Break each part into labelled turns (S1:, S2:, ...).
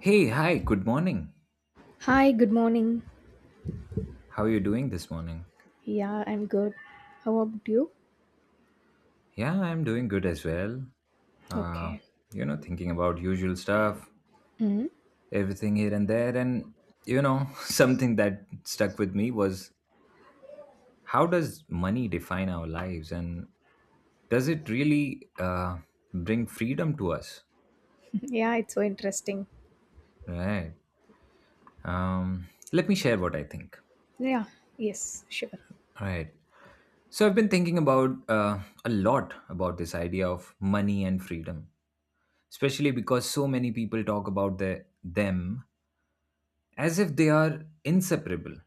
S1: Hey, hi, good morning.
S2: Hi, good morning.
S1: How are you doing this morning?
S2: Yeah, I'm good. How about you?
S1: Yeah, I'm doing good as well. Uh,
S2: Okay.
S1: Thinking about usual stuff,
S2: Hmm.
S1: everything here and there. Something that stuck with me was how does money define our lives? And does it really bring freedom to us?
S2: Yeah, it's so interesting.
S1: Right. Let me share what I think.
S2: Yeah, yes, sure.
S1: All right. So I've been thinking about a lot about this idea of money and freedom, especially because so many people talk about them as if they are inseparable.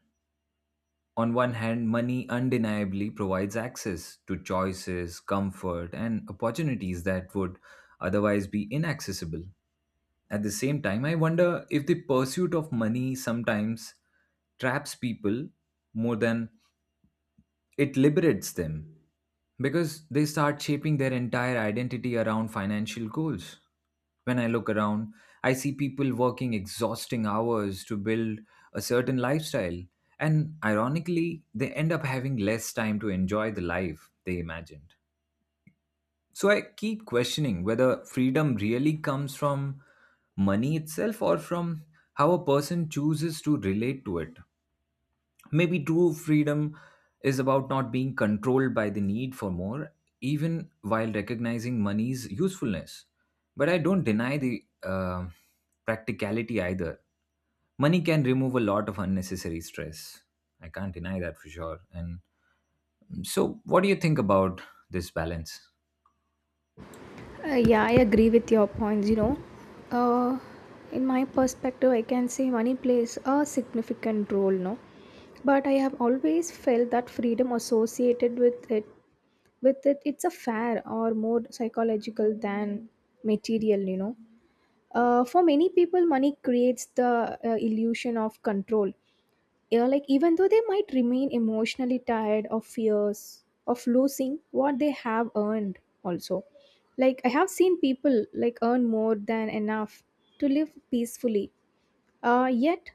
S1: On one hand, money undeniably provides access to choices, comfort, and opportunities that would otherwise be inaccessible. At the same time, I wonder if the pursuit of money sometimes traps people more than it liberates them, because they start shaping their entire identity around financial goals. When I look around, I see people working exhausting hours to build a certain lifestyle, and ironically, they end up having less time to enjoy the life they imagined. So I keep questioning whether freedom really comes from money itself or from how a person chooses to relate to it. Maybe true freedom is about not being controlled by the need for more, even while recognizing money's usefulness. But I don't deny the practicality either. Money can remove a lot of unnecessary stress. I can't deny that for sure. And so, what do you think about this balance?
S2: Yeah, I agree with your points. You know, uh, in my perspective, I can say money plays a significant role, no? But I have always felt that freedom associated with it, it's a fair or more psychological than material. You know, for many people, money creates the illusion of control, yeah, like even though they might remain emotionally tired of fears of losing what they have earned also. Like I have seen people like earn more than enough to live peacefully, yet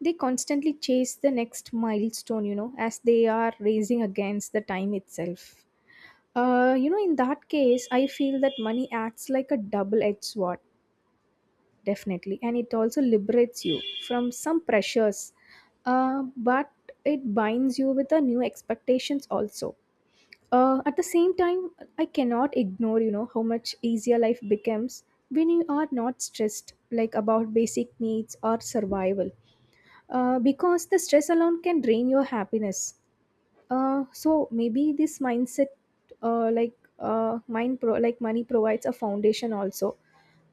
S2: they constantly chase the next milestone, you know, as they are racing against the time itself. You know, in that case I feel that money acts like a double-edged sword, definitely, and it also liberates you from some pressures, but it binds you with the new expectations also. At the same time, I cannot ignore, you know, how much easier life becomes when you are not stressed, like, about basic needs or survival, because the stress alone can drain your happiness. So maybe this mindset, like money provides a foundation also,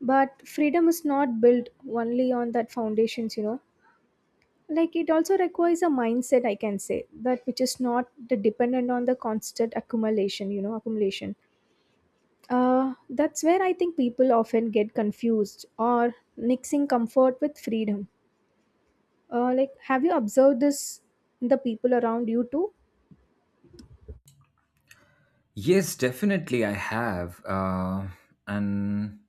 S2: but freedom is not built only on that foundations, you know, like it also requires a mindset, I can say, that which is not the dependent on the constant accumulation, you know, accumulation. That's where I think people often get confused or mixing comfort with freedom. Like, have you observed this in the people around you too?
S1: Yes, definitely, I have. And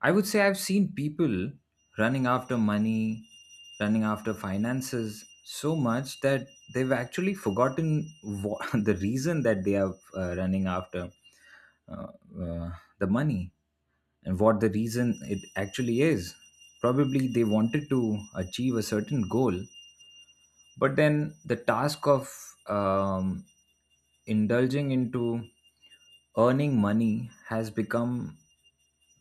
S1: I would say I've seen people running after money, running after finances so much that they've actually forgotten what, the reason that they are running after uh, uh, the money and what the reason it actually is. Probably they wanted to achieve a certain goal, but then the task of indulging into earning money has become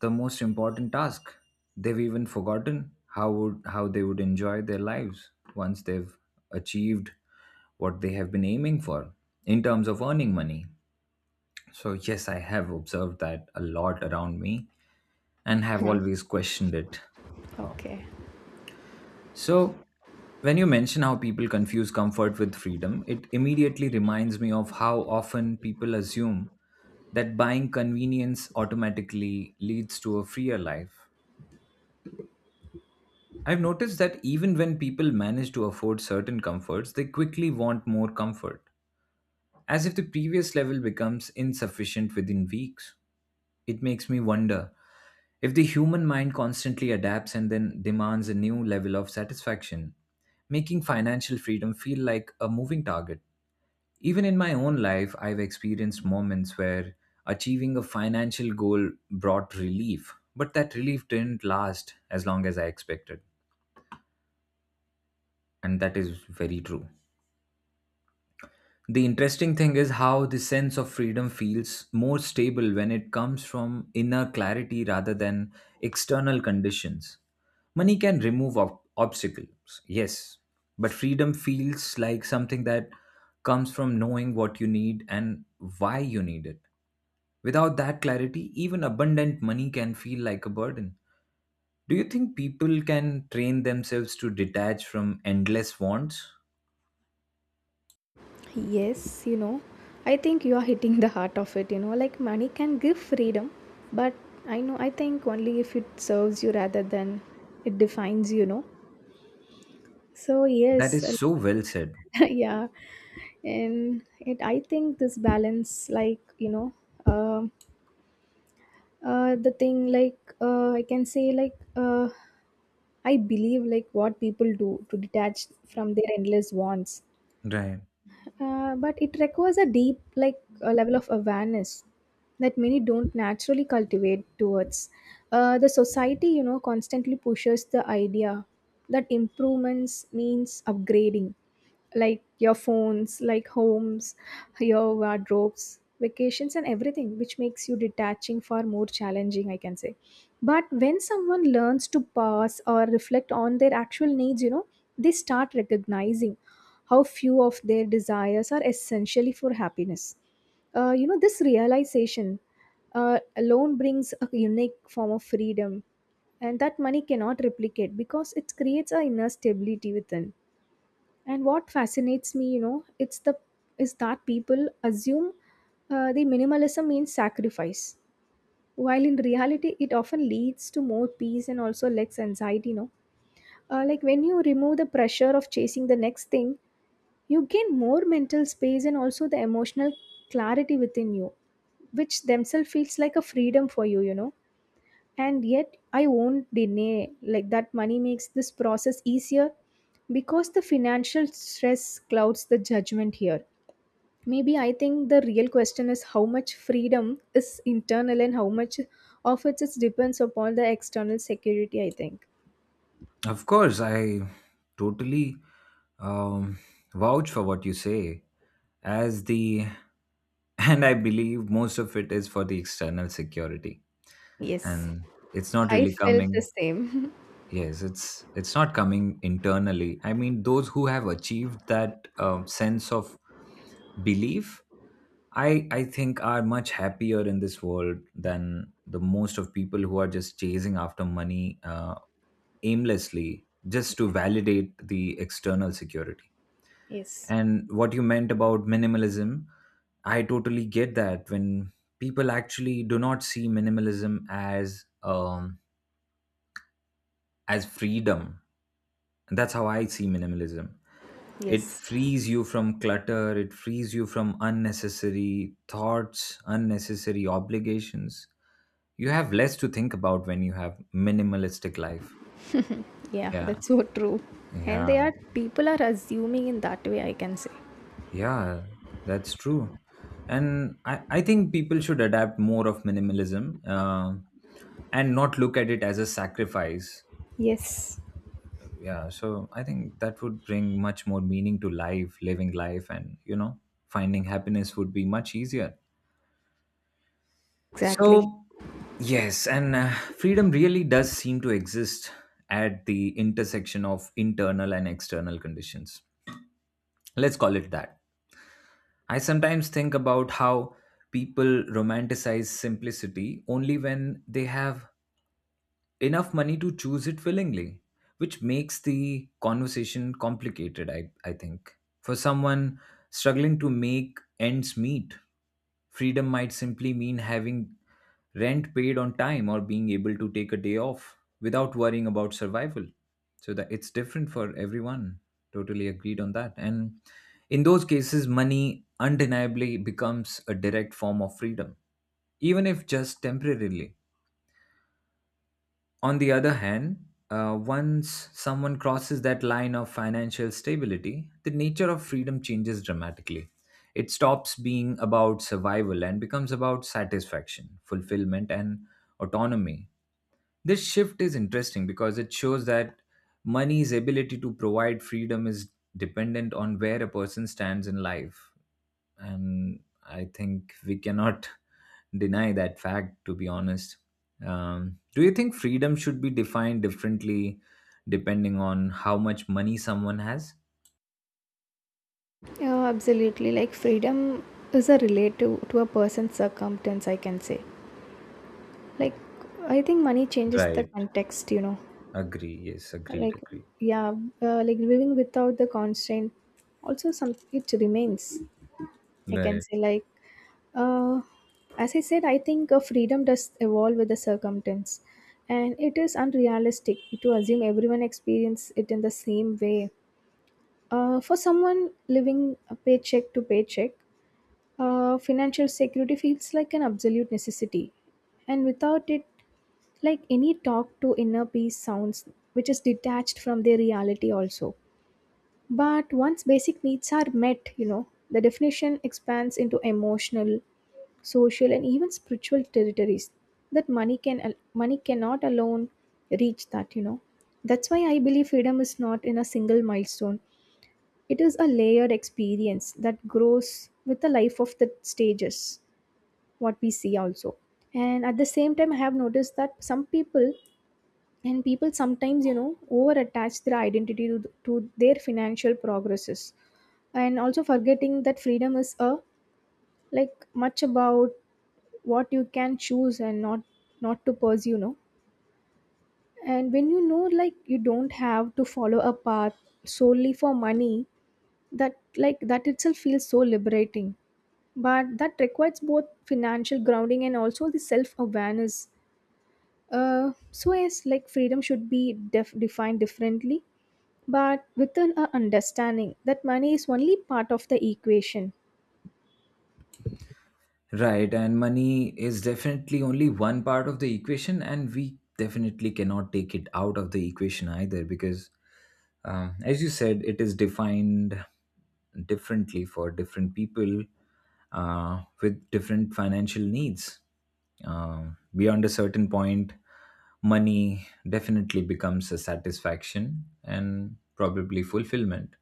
S1: the most important task. They've even forgotten how they would enjoy their lives once they've achieved what they have been aiming for in terms of earning money. So yes, I have observed that a lot around me and have always questioned it. Uh,
S2: Okay.
S1: so, when you mention how people confuse comfort with freedom, it immediately reminds me of how often people assume that buying convenience automatically leads to a freer life. I've noticed that even when people manage to afford certain comforts, they quickly want more comfort, as if the previous level becomes insufficient within weeks. It makes me wonder if the human mind constantly adapts and then demands a new level of satisfaction, making financial freedom feel like a moving target. Even in my own life, I've experienced moments where achieving a financial goal brought relief, but that relief didn't last as long as I expected. And that is very true. The interesting thing is how the sense of freedom feels more stable when it comes from inner clarity rather than external conditions. Money can remove obstacles, yes, but freedom feels like something that comes from knowing what you need and why you need it. Without that clarity, even abundant money can feel like a burden. Do you think people can train themselves to detach from endless wants?
S2: Yes, you know, I think you are hitting the heart of it. You know, like money can give freedom, but I know, I think only if it serves you rather than it defines you, know. So,
S1: That
S2: yes,
S1: is so well said.
S2: yeah, and I think this balance, like, you know, um the thing, like, I can say, like, I believe, like, what people do to detach from their endless wants.
S1: Right.
S2: But it requires a deep, like, a level of awareness that many don't naturally cultivate towards, the society, you know, constantly pushes the idea that improvements means upgrading, like your phones, like homes, your wardrobes, vacations, and everything, which makes you detaching far more challenging, I can say. But when someone learns to pause or reflect on their actual needs, you know, they start recognizing how few of their desires are essentially for happiness. You know, this realization alone brings a unique form of freedom, and that money cannot replicate because it creates a inner stability within. And what fascinates me, you know, it's the is that people assume the minimalism means sacrifice, while in reality, it often leads to more peace and also less anxiety. You know, like when you remove the pressure of chasing the next thing, you gain more mental space and also the emotional clarity within you, which themselves feels like a freedom for you, you know. And yet I won't deny, like, that money makes this process easier because the financial stress clouds the judgment here. Maybe I think the real question is how much freedom is internal and how much of it is depends upon the external security, I think.
S1: Of course, I totally um, vouch for what you say, as the and I believe most of it is for the external security,
S2: Yes.
S1: and it's not
S2: I
S1: really
S2: felt the
S1: coming.
S2: same.
S1: Yes, it's not coming internally. I mean, those who have achieved that sense of belief, I think are much happier in this world than the most of people who are just chasing after money aimlessly just to validate the external security.
S2: Yes.
S1: And what you meant about minimalism, I totally get that when people actually do not see minimalism as as freedom. That's how I see minimalism. It
S2: Yes.
S1: frees you from clutter, it frees you from unnecessary thoughts, unnecessary obligations. You have less to think about when you have minimalistic life.
S2: Yeah,
S1: Yeah.
S2: that's so true. And they
S1: Yeah,
S2: are people are assuming in that way, I can say.
S1: yeah, that's true. And I think people should adapt more of minimalism and not look at it as a sacrifice.
S2: Yes.
S1: Yeah, so I think that would bring much more meaning to life, living life, and you know, finding happiness would be much easier.
S2: Exactly.
S1: So, yes, and freedom really does seem to exist at the intersection of internal and external conditions. Let's call it that. I sometimes think about how people romanticize simplicity only when they have enough money to choose it willingly, which makes the conversation complicated, I think. For someone struggling to make ends meet, freedom might simply mean having rent paid on time or being able to take a day off without worrying about survival. So that it's different for everyone. Totally agreed on that. And in those cases, money undeniably becomes a direct form of freedom, even if just temporarily. On the other hand, once someone crosses that line of financial stability, the nature of freedom changes dramatically. It stops being about survival and becomes about satisfaction, fulfillment, and autonomy. This shift is interesting because it shows that money's ability to provide freedom is dependent on where a person stands in life, and I think we cannot deny that fact to be honest. Do you think freedom should be defined differently depending on how much money someone has?
S2: Yeah, absolutely. Like freedom is a relative to a person's circumstance, I can say. Like, I think money changes the
S1: Right,
S2: context, you know.
S1: agree, yes, agreed,
S2: Like,
S1: agree,
S2: yeah, like living without the constraint. Also, some it remains. I can
S1: right,
S2: say like, Uh, as I said, I think freedom does evolve with the circumstance, and it is unrealistic to assume everyone experiences it in the same way. For someone living a paycheck to paycheck, financial security feels like an absolute necessity, and without it, like any talk to inner peace sounds which is detached from their reality also. But once basic needs are met, you know, the definition expands into emotional, social, and even spiritual territories that money cannot alone reach that, you know. That's why I believe freedom is not in a single milestone. It is a layered experience that grows with the life of the stages, what we see also. And at the same time, I have noticed that some people, and people sometimes, you know, over attach their identity to, to their financial progresses, and also forgetting that freedom is a like much about what you can choose and not to pursue, no. And when, you know, like, you don't have to follow a path solely for money, that, like, that itself feels so liberating. But that requires both financial grounding and also the self awareness. So yes, like freedom should be defined differently, but within a understanding that money is only part of the equation.
S1: right. And money is definitely only one part of the equation and we definitely cannot take it out of the equation either because, um, as you said, it is defined differently for different people with different financial needs. Um, beyond a certain point, money definitely becomes a satisfaction and probably fulfillment,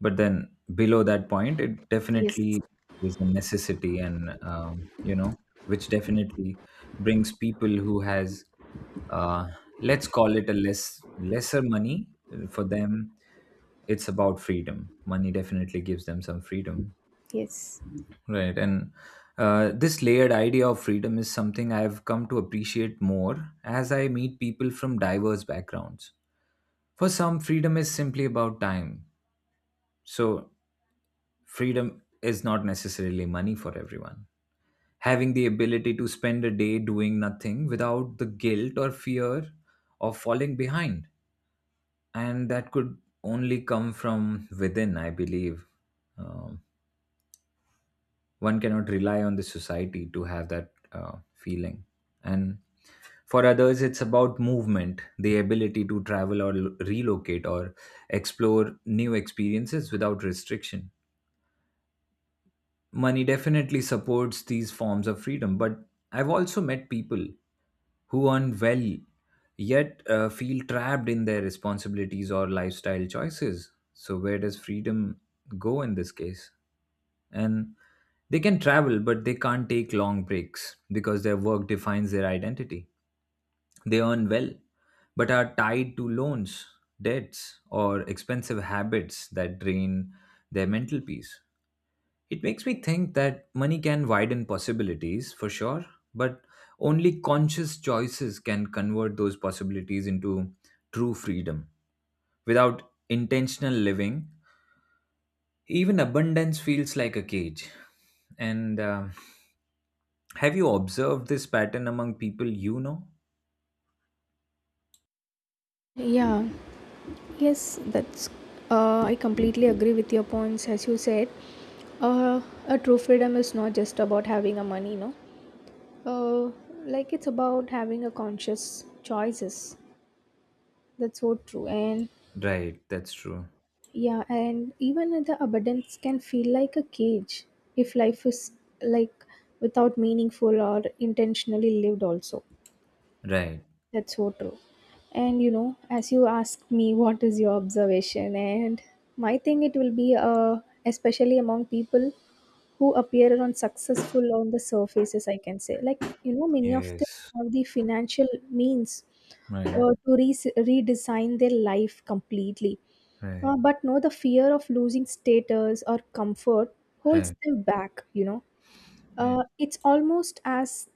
S1: but then below that point it
S2: Yes.
S1: definitely is a necessity and you know, which definitely brings people who has uh, let's call it a lesser money, for them it's about freedom. Money definitely gives them some freedom,
S2: Yes.
S1: right. And this layered idea of freedom is something I've come to appreciate more as I meet people from diverse backgrounds. For some, freedom is simply about time. So freedom is not necessarily money for everyone. Having the ability to spend a day doing nothing without the guilt or fear of falling behind. And that could only come from within, I believe. Um, One cannot rely on the society to have that feeling. And for others, it's about movement, the ability to travel or relocate or explore new experiences without restriction. Money definitely supports these forms of freedom, but I've also met people who earn well yet feel trapped in their responsibilities or lifestyle choices. So, where does freedom go in this case? And they can travel, but they can't take long breaks because their work defines their identity. They earn well, but are tied to loans, debts, or expensive habits that drain their mental peace. It makes me think that money can widen possibilities for sure, but only conscious choices can convert those possibilities into true freedom. Without intentional living, even abundance feels like a cage. And have you observed this pattern among people you know?
S2: Yeah. Yes, that's I completely agree with your points. As you said, uh, a true freedom is not just about having a money, no. Uh, like, it's about having a conscious choices. That's so true. And
S1: Right, that's true.
S2: yeah, and even the abundance can feel like a cage if life is, like, without meaningful or intentionally lived also.
S1: Right.
S2: That's so true. And you know, as you asked me, what is your observation, and my thing it will be especially among people who appear on successful on the surfaces, I can say. Like, you know, many of them
S1: Yes.
S2: have the financial means
S1: Right.
S2: to redesign their life completely.
S1: Right.
S2: But no, the fear of losing status or comfort holds
S1: Right.
S2: them back, you know.
S1: Right.
S2: It's almost as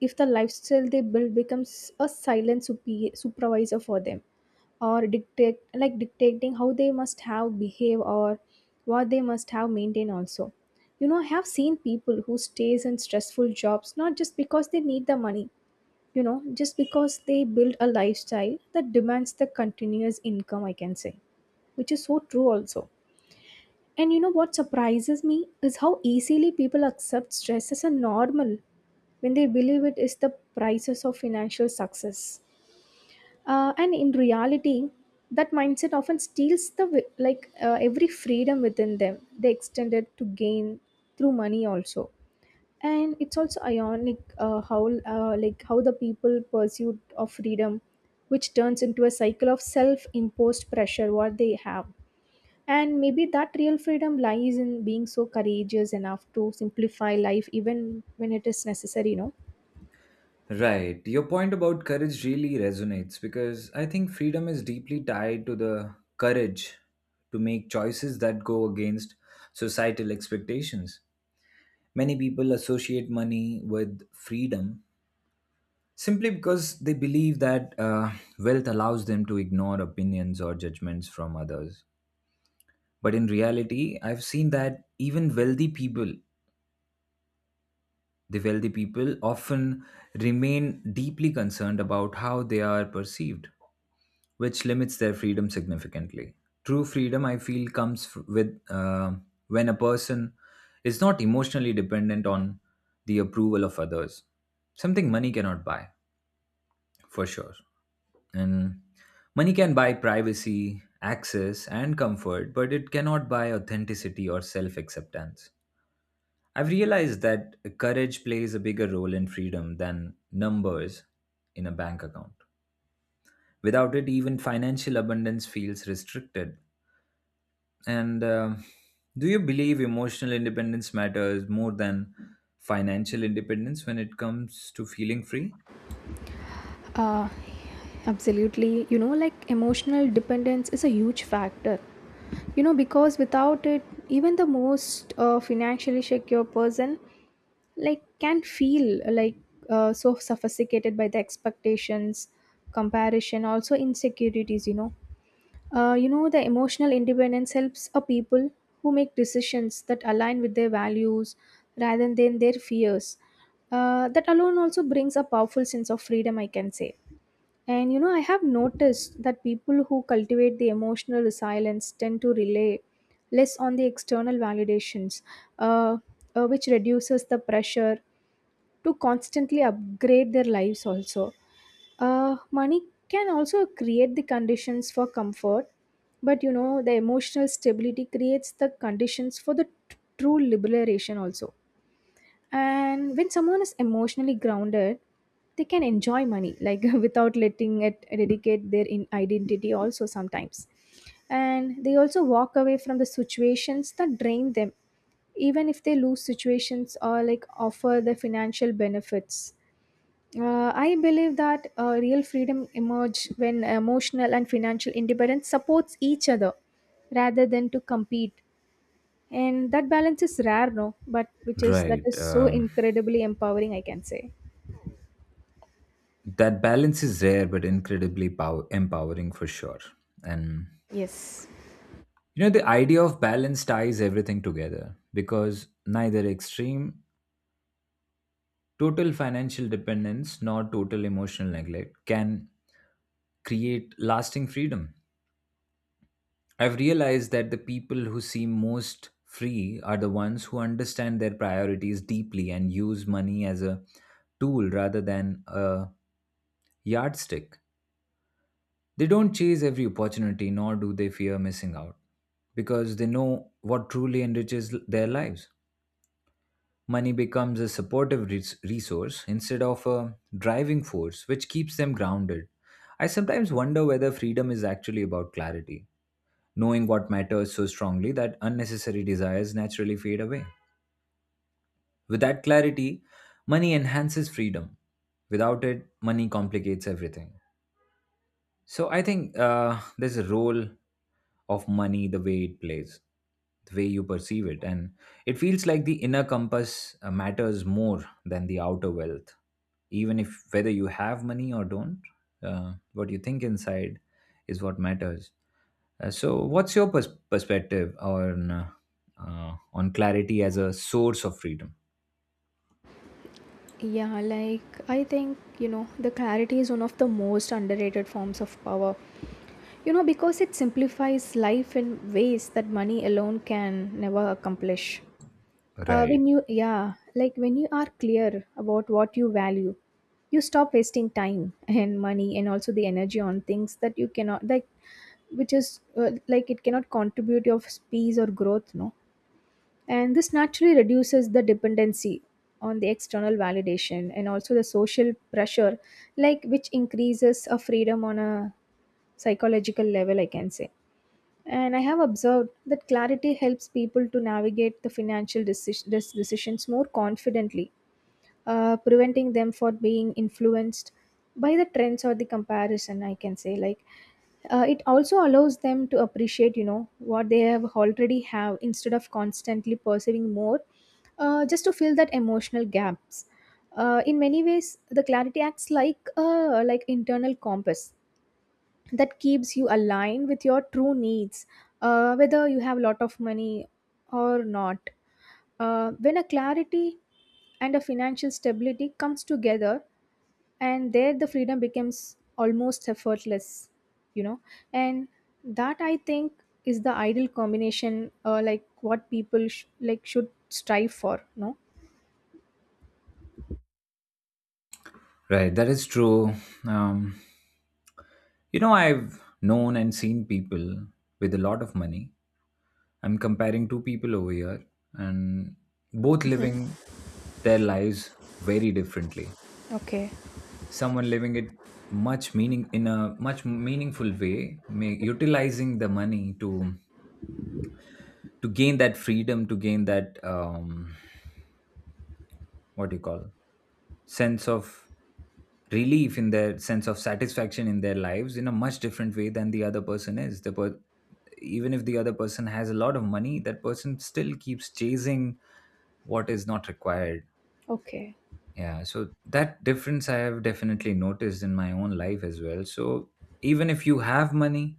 S2: if the lifestyle they build becomes a silent supervisor for them, or dictate, like, dictating how they must have behave, or what they must have maintain also. You know, I have seen people who stays in stressful jobs not just because they need the money, you know, just because they build a lifestyle that demands the continuous income, I can say, which is so true also. And you know what surprises me is how easily people accept stress as a normal when they believe it is the prices of financial success. And in reality, that mindset often steals the like every freedom within them they extend it to gain through money also. And it's also ironic, how, like, how the people pursuit of freedom, which turns into a cycle of self-imposed pressure what they have. And maybe that real freedom lies in being so courageous enough to simplify life even when it is necessary, you know.
S1: Right. Your point about courage really resonates because I think freedom is deeply tied to the courage to make choices that go against societal expectations. Many people associate money with freedom simply because they believe that wealth allows them to ignore opinions or judgments from others. But in reality, I've seen that even wealthy people, the wealthy people often remain deeply concerned about how they are perceived, which limits their freedom significantly. True freedom, I feel, comes with when a person is not emotionally dependent on the approval of others. Something money cannot buy, for sure. And money can buy privacy, access, and comfort, but it cannot buy authenticity or self acceptance. I've realized that courage plays a bigger role in freedom than numbers in a bank account. Without it, even financial abundance feels restricted. And do you believe emotional independence matters more than financial independence when it comes to feeling free?
S2: Uh, Absolutely. You know, like emotional dependence is a huge factor. You know, because without it, even the most financially secure person, like, can feel like so sophisticated by the expectations, comparison, also insecurities. You know, the emotional independence helps a people who make decisions that align with their values rather than their fears. That alone also brings a powerful sense of freedom, I can say. And you know, I have noticed that people who cultivate the emotional resilience tend to rely less on the external validations, uh, which reduces the pressure to constantly upgrade their lives. Also, money can also create the conditions for comfort, but you know, the emotional stability creates the conditions for the true liberation. Also, and when someone is emotionally grounded, they can enjoy money, like, without letting it dedicate their in identity also sometimes, and they also walk away from the situations that drain them, even if they lose situations or, like, offer the financial benefits. I believe that real freedom emerge when emotional and financial independence supports each other rather than to compete, and that balance is rare, no, but which is,
S1: Right.
S2: that is so incredibly empowering, I can say.
S1: That balance is rare, but incredibly empowering for sure. And
S2: Yes.
S1: you know, the idea of balance ties everything together because neither extreme, total financial dependence nor total emotional neglect, can create lasting freedom. I've realized that the people who seem most free are the ones who understand their priorities deeply and use money as a tool rather than a yardstick. They don't chase every opportunity, nor do they fear missing out, because they know what truly enriches their lives. Money becomes a supportive resource instead of a driving force, which keeps them grounded. I sometimes wonder whether freedom is actually about clarity, knowing what matters so strongly that unnecessary desires naturally fade away. With that clarity, money enhances freedom. Without it, money complicates everything. So I think there's a role of money, the way it plays, the way you perceive it. And it feels like the inner compass matters more than the outer wealth. Even if whether you have money or don't, what you think inside is what matters. So, what's your perspective on clarity as a source of freedom?
S2: Yeah, like I think, you know, the clarity is one of the most underrated forms of power, you know, because it simplifies life in ways that money alone can never accomplish.
S1: Right,
S2: When you, yeah, like when you are clear about what you value, you stop wasting time and money and also the energy on things that you cannot, like, which is like it cannot contribute your peace or growth, no. And this naturally reduces the dependency on the external validation and also the social pressure, like, which increases a freedom on a psychological level, I can say. And I have observed that clarity helps people to navigate the financial decisions more confidently, preventing them for being influenced by the trends or the comparison, I can say, like. It also allows them to appreciate, you know, what they have already have instead of constantly pursuing more, just to fill that emotional gaps. In many ways, the clarity acts like, like internal compass that keeps you aligned with your true needs, whether you have a lot of money or not. When a clarity and a financial stability comes together, and there the freedom becomes almost effortless, you know. And that, I think, is the ideal combination, like what people like should strive for, no.
S1: right. That is true. Um, you know, I've known and seen people with a lot of money. I'm comparing two people over here, and both
S2: Mhm.
S1: living their lives very differently.
S2: Okay.
S1: Someone living it much meaning in a much meaningful way, may, utilizing the money to gain that freedom, to gain that what do you call sense of relief in their sense of satisfaction in their lives in a much different way than the other person is the even if the other person has a lot of money, that person still keeps chasing what is not required.
S2: Okay.
S1: Yeah, so that difference I have definitely noticed in my own life as well. So even if you have money,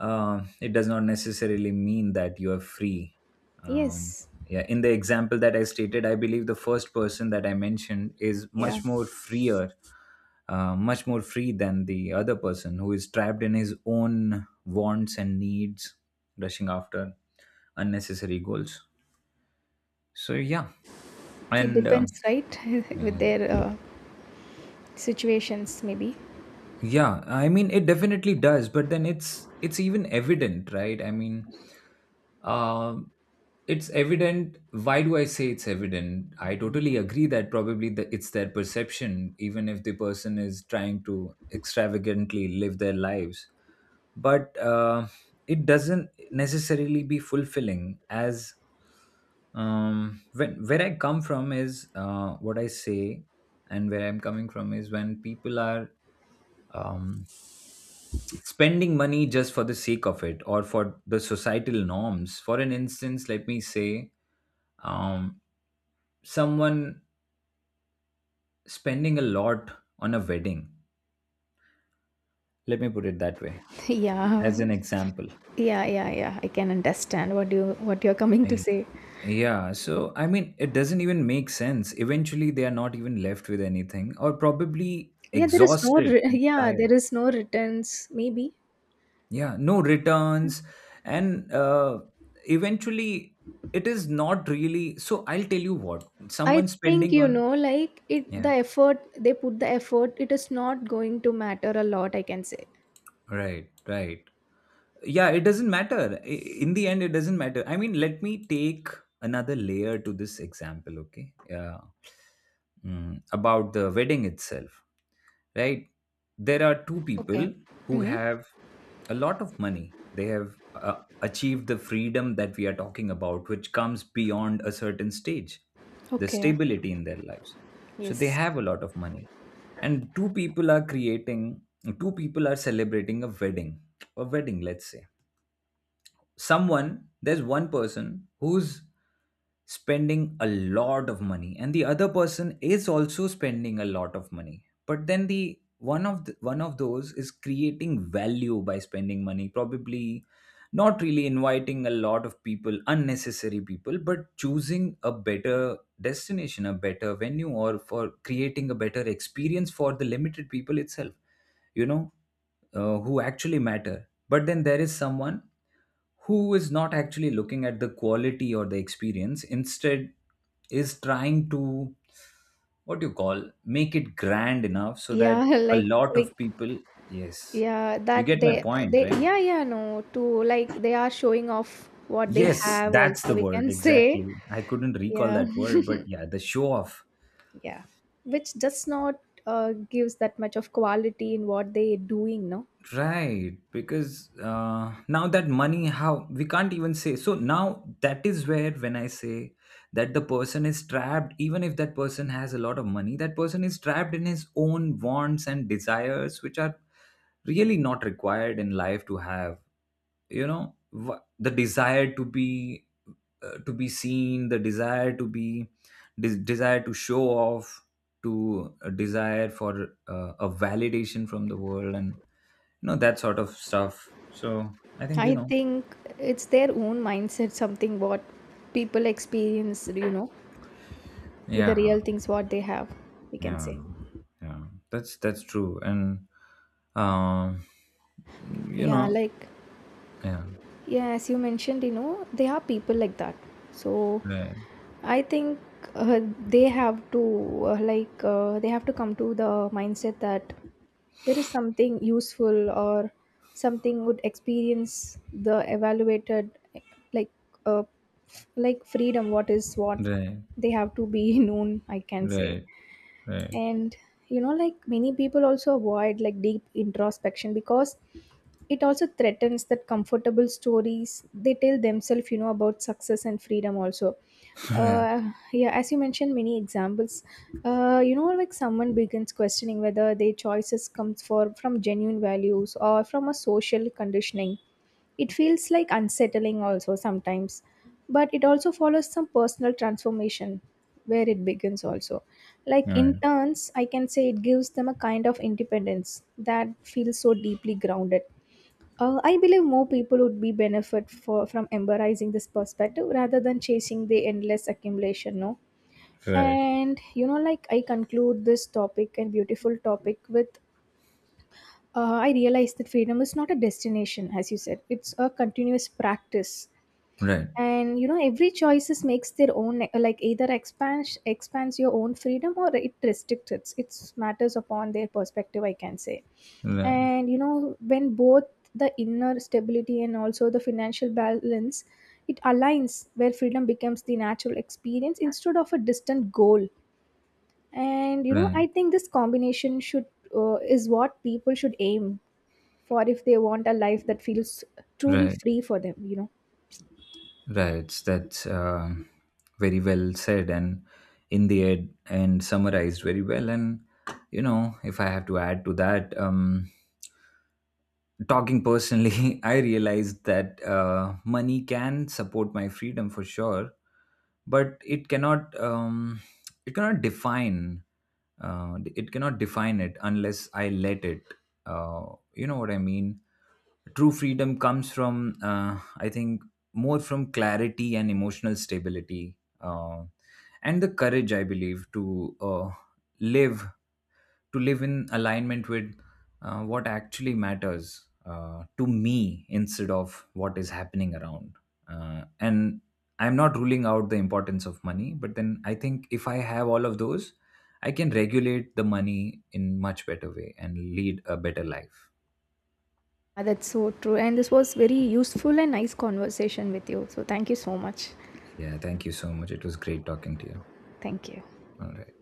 S1: it does not necessarily mean that you are free. Um,
S2: Yes.
S1: yeah, in the example that I stated, I believe the first person that I mentioned is
S2: Yeah.
S1: much more freer, much more free than the other person who is trapped in his own wants and needs, rushing after unnecessary goals. So yeah,
S2: It
S1: and uh,
S2: depends, right? With
S1: yeah,
S2: their situations, maybe.
S1: Yeah, I mean it definitely does, but then it's even evident, right? I mean, um, it's evident. Why do I say it's evident? I totally agree that probably the, it's their perception, even if the person is trying to extravagantly live their lives. But it doesn't necessarily be fulfilling. As when, where I come from is what I say, and where I'm coming from is when people are. Um, Spending money just for the sake of it or for the societal norms, for an instance let me say, um, someone spending a lot on a wedding, let me put it that way,
S2: Yeah,
S1: as an example.
S2: yeah, yeah, yeah, I can understand what you, what you're coming to
S1: I-
S2: say.
S1: yeah, so I mean it doesn't even make sense. Eventually they are not even left with anything or probably
S2: Yeah, there is no
S1: exhausted and
S2: yeah, there
S1: tired.
S2: is no returns maybe.
S1: Yeah, no returns. And Eventually it is not really, so I'll tell you what.
S2: I
S1: Someone
S2: think
S1: spending
S2: you
S1: on,
S2: know, like, it, the
S1: yeah.
S2: effort they put, the effort, it is not going to matter a lot, I can say.
S1: Right, right. Yeah, it doesn't matter. In the end, it doesn't matter. I mean, let me take another layer to this example, okay? Yeah. Mm, about the wedding itself, right? There are two
S2: Okay.
S1: people who
S2: Hmm.
S1: have a lot of money. They have achieved the freedom that we are talking about, which comes beyond a certain stage, the
S2: Okay.
S1: stability in their lives. So they
S2: Yes.
S1: have a lot of money. And two people are creating, two people are celebrating a wedding, let's say, someone, there's one person who's spending a lot of money and the other person is also spending a lot of money, but then one of those is creating value by spending money, probably not really inviting a lot of people, unnecessary people, but choosing a better destination, a better venue, or for creating a better experience for the limited people itself, you know, who actually matter. But then there is someone who is not actually looking at the quality or the experience, instead, is trying to what do you call make it grand enough so
S2: Yeah,
S1: that a
S2: like
S1: lot
S2: we,
S1: of people, yes,
S2: yeah,
S1: you
S2: that
S1: get my
S2: they
S1: point,
S2: they
S1: right?
S2: yeah, yeah, no. To like, they are showing off what they
S1: Yes,
S2: have
S1: that's
S2: also,
S1: the
S2: we
S1: word
S2: can say.
S1: exactly. I couldn't recall
S2: Yeah.
S1: that word, but yeah, the show off.
S2: Yeah. Which does not gives that much of quality in what they doing, no?
S1: Right, because now that money how we can't even say, so now that is where when I say that the person is trapped, even if that person has a lot of money, that person is trapped in his own wants and desires which are really not required in life to have, you know, the desire to be seen, the desire to be desire to show off, to a desire for a validation from the world, and you know, that sort of stuff. So I think you
S2: I
S1: know,
S2: think it's their own mindset, something what people experience, you know, with the
S1: yeah,
S2: real things what they have, we can
S1: yeah,
S2: say.
S1: yeah, that's true. And um you
S2: Yeah,
S1: know,
S2: like,
S1: yeah,
S2: yeah, as you mentioned, you know, they are people like that. So,
S1: right,
S2: I think uh, they have to, like, they have to come to the mindset that there is something useful or something would experience the evaluated, like, uh, like freedom, what is what
S1: right,
S2: they have to be known, I can say.
S1: right, right.
S2: And you know, like, many people also avoid, like, deep introspection because it also threatens that comfortable stories they tell themselves, you know, about success and freedom also.
S1: Right,
S2: Yeah, as you mentioned many examples, you know, like, someone begins questioning whether their choices comes for from genuine values or from a social conditioning, it feels like unsettling also sometimes, but it also follows some personal transformation where it begins also, like, in
S1: right,
S2: turns, I can say, it gives them a kind of independence that feels so deeply grounded. I believe more people would be benefit for, from embracing this perspective rather than chasing the endless accumulation, no.
S1: right,
S2: And you know, like, I conclude this topic and beautiful topic with, I realize that freedom is not a destination, as you said, it's a continuous practice.
S1: right,
S2: And you know, every choices makes their own, like, either expands your own freedom or it restricts it. It's matters upon their perspective, I can say.
S1: right,
S2: And you know, when both the inner stability and also the financial balance, it aligns where freedom becomes the natural experience instead of a distant goal. And you know,
S1: right,
S2: I think this combination should is what people should aim for if they want a life that feels truly
S1: right,
S2: free for them, you know.
S1: right, That's very well said and in the end and summarized very well. And you know, if I have to add to that, talking personally, I realized that money can support my freedom for sure, but it cannot define it cannot define it unless I let it. You know what I mean? True freedom comes from I think more from clarity and emotional stability, and the courage I believe to live live in alignment with what actually matters to me instead of what is happening around. And I'm not ruling out the importance of money, but then I think if I have all of those, I can regulate the money in much better way and lead a better life.
S2: Ah, that's so true, and this was very useful and nice conversation with you, so thank you so much.
S1: Yeah, thank you so much. It was great talking to you.
S2: Thank you.
S1: All right.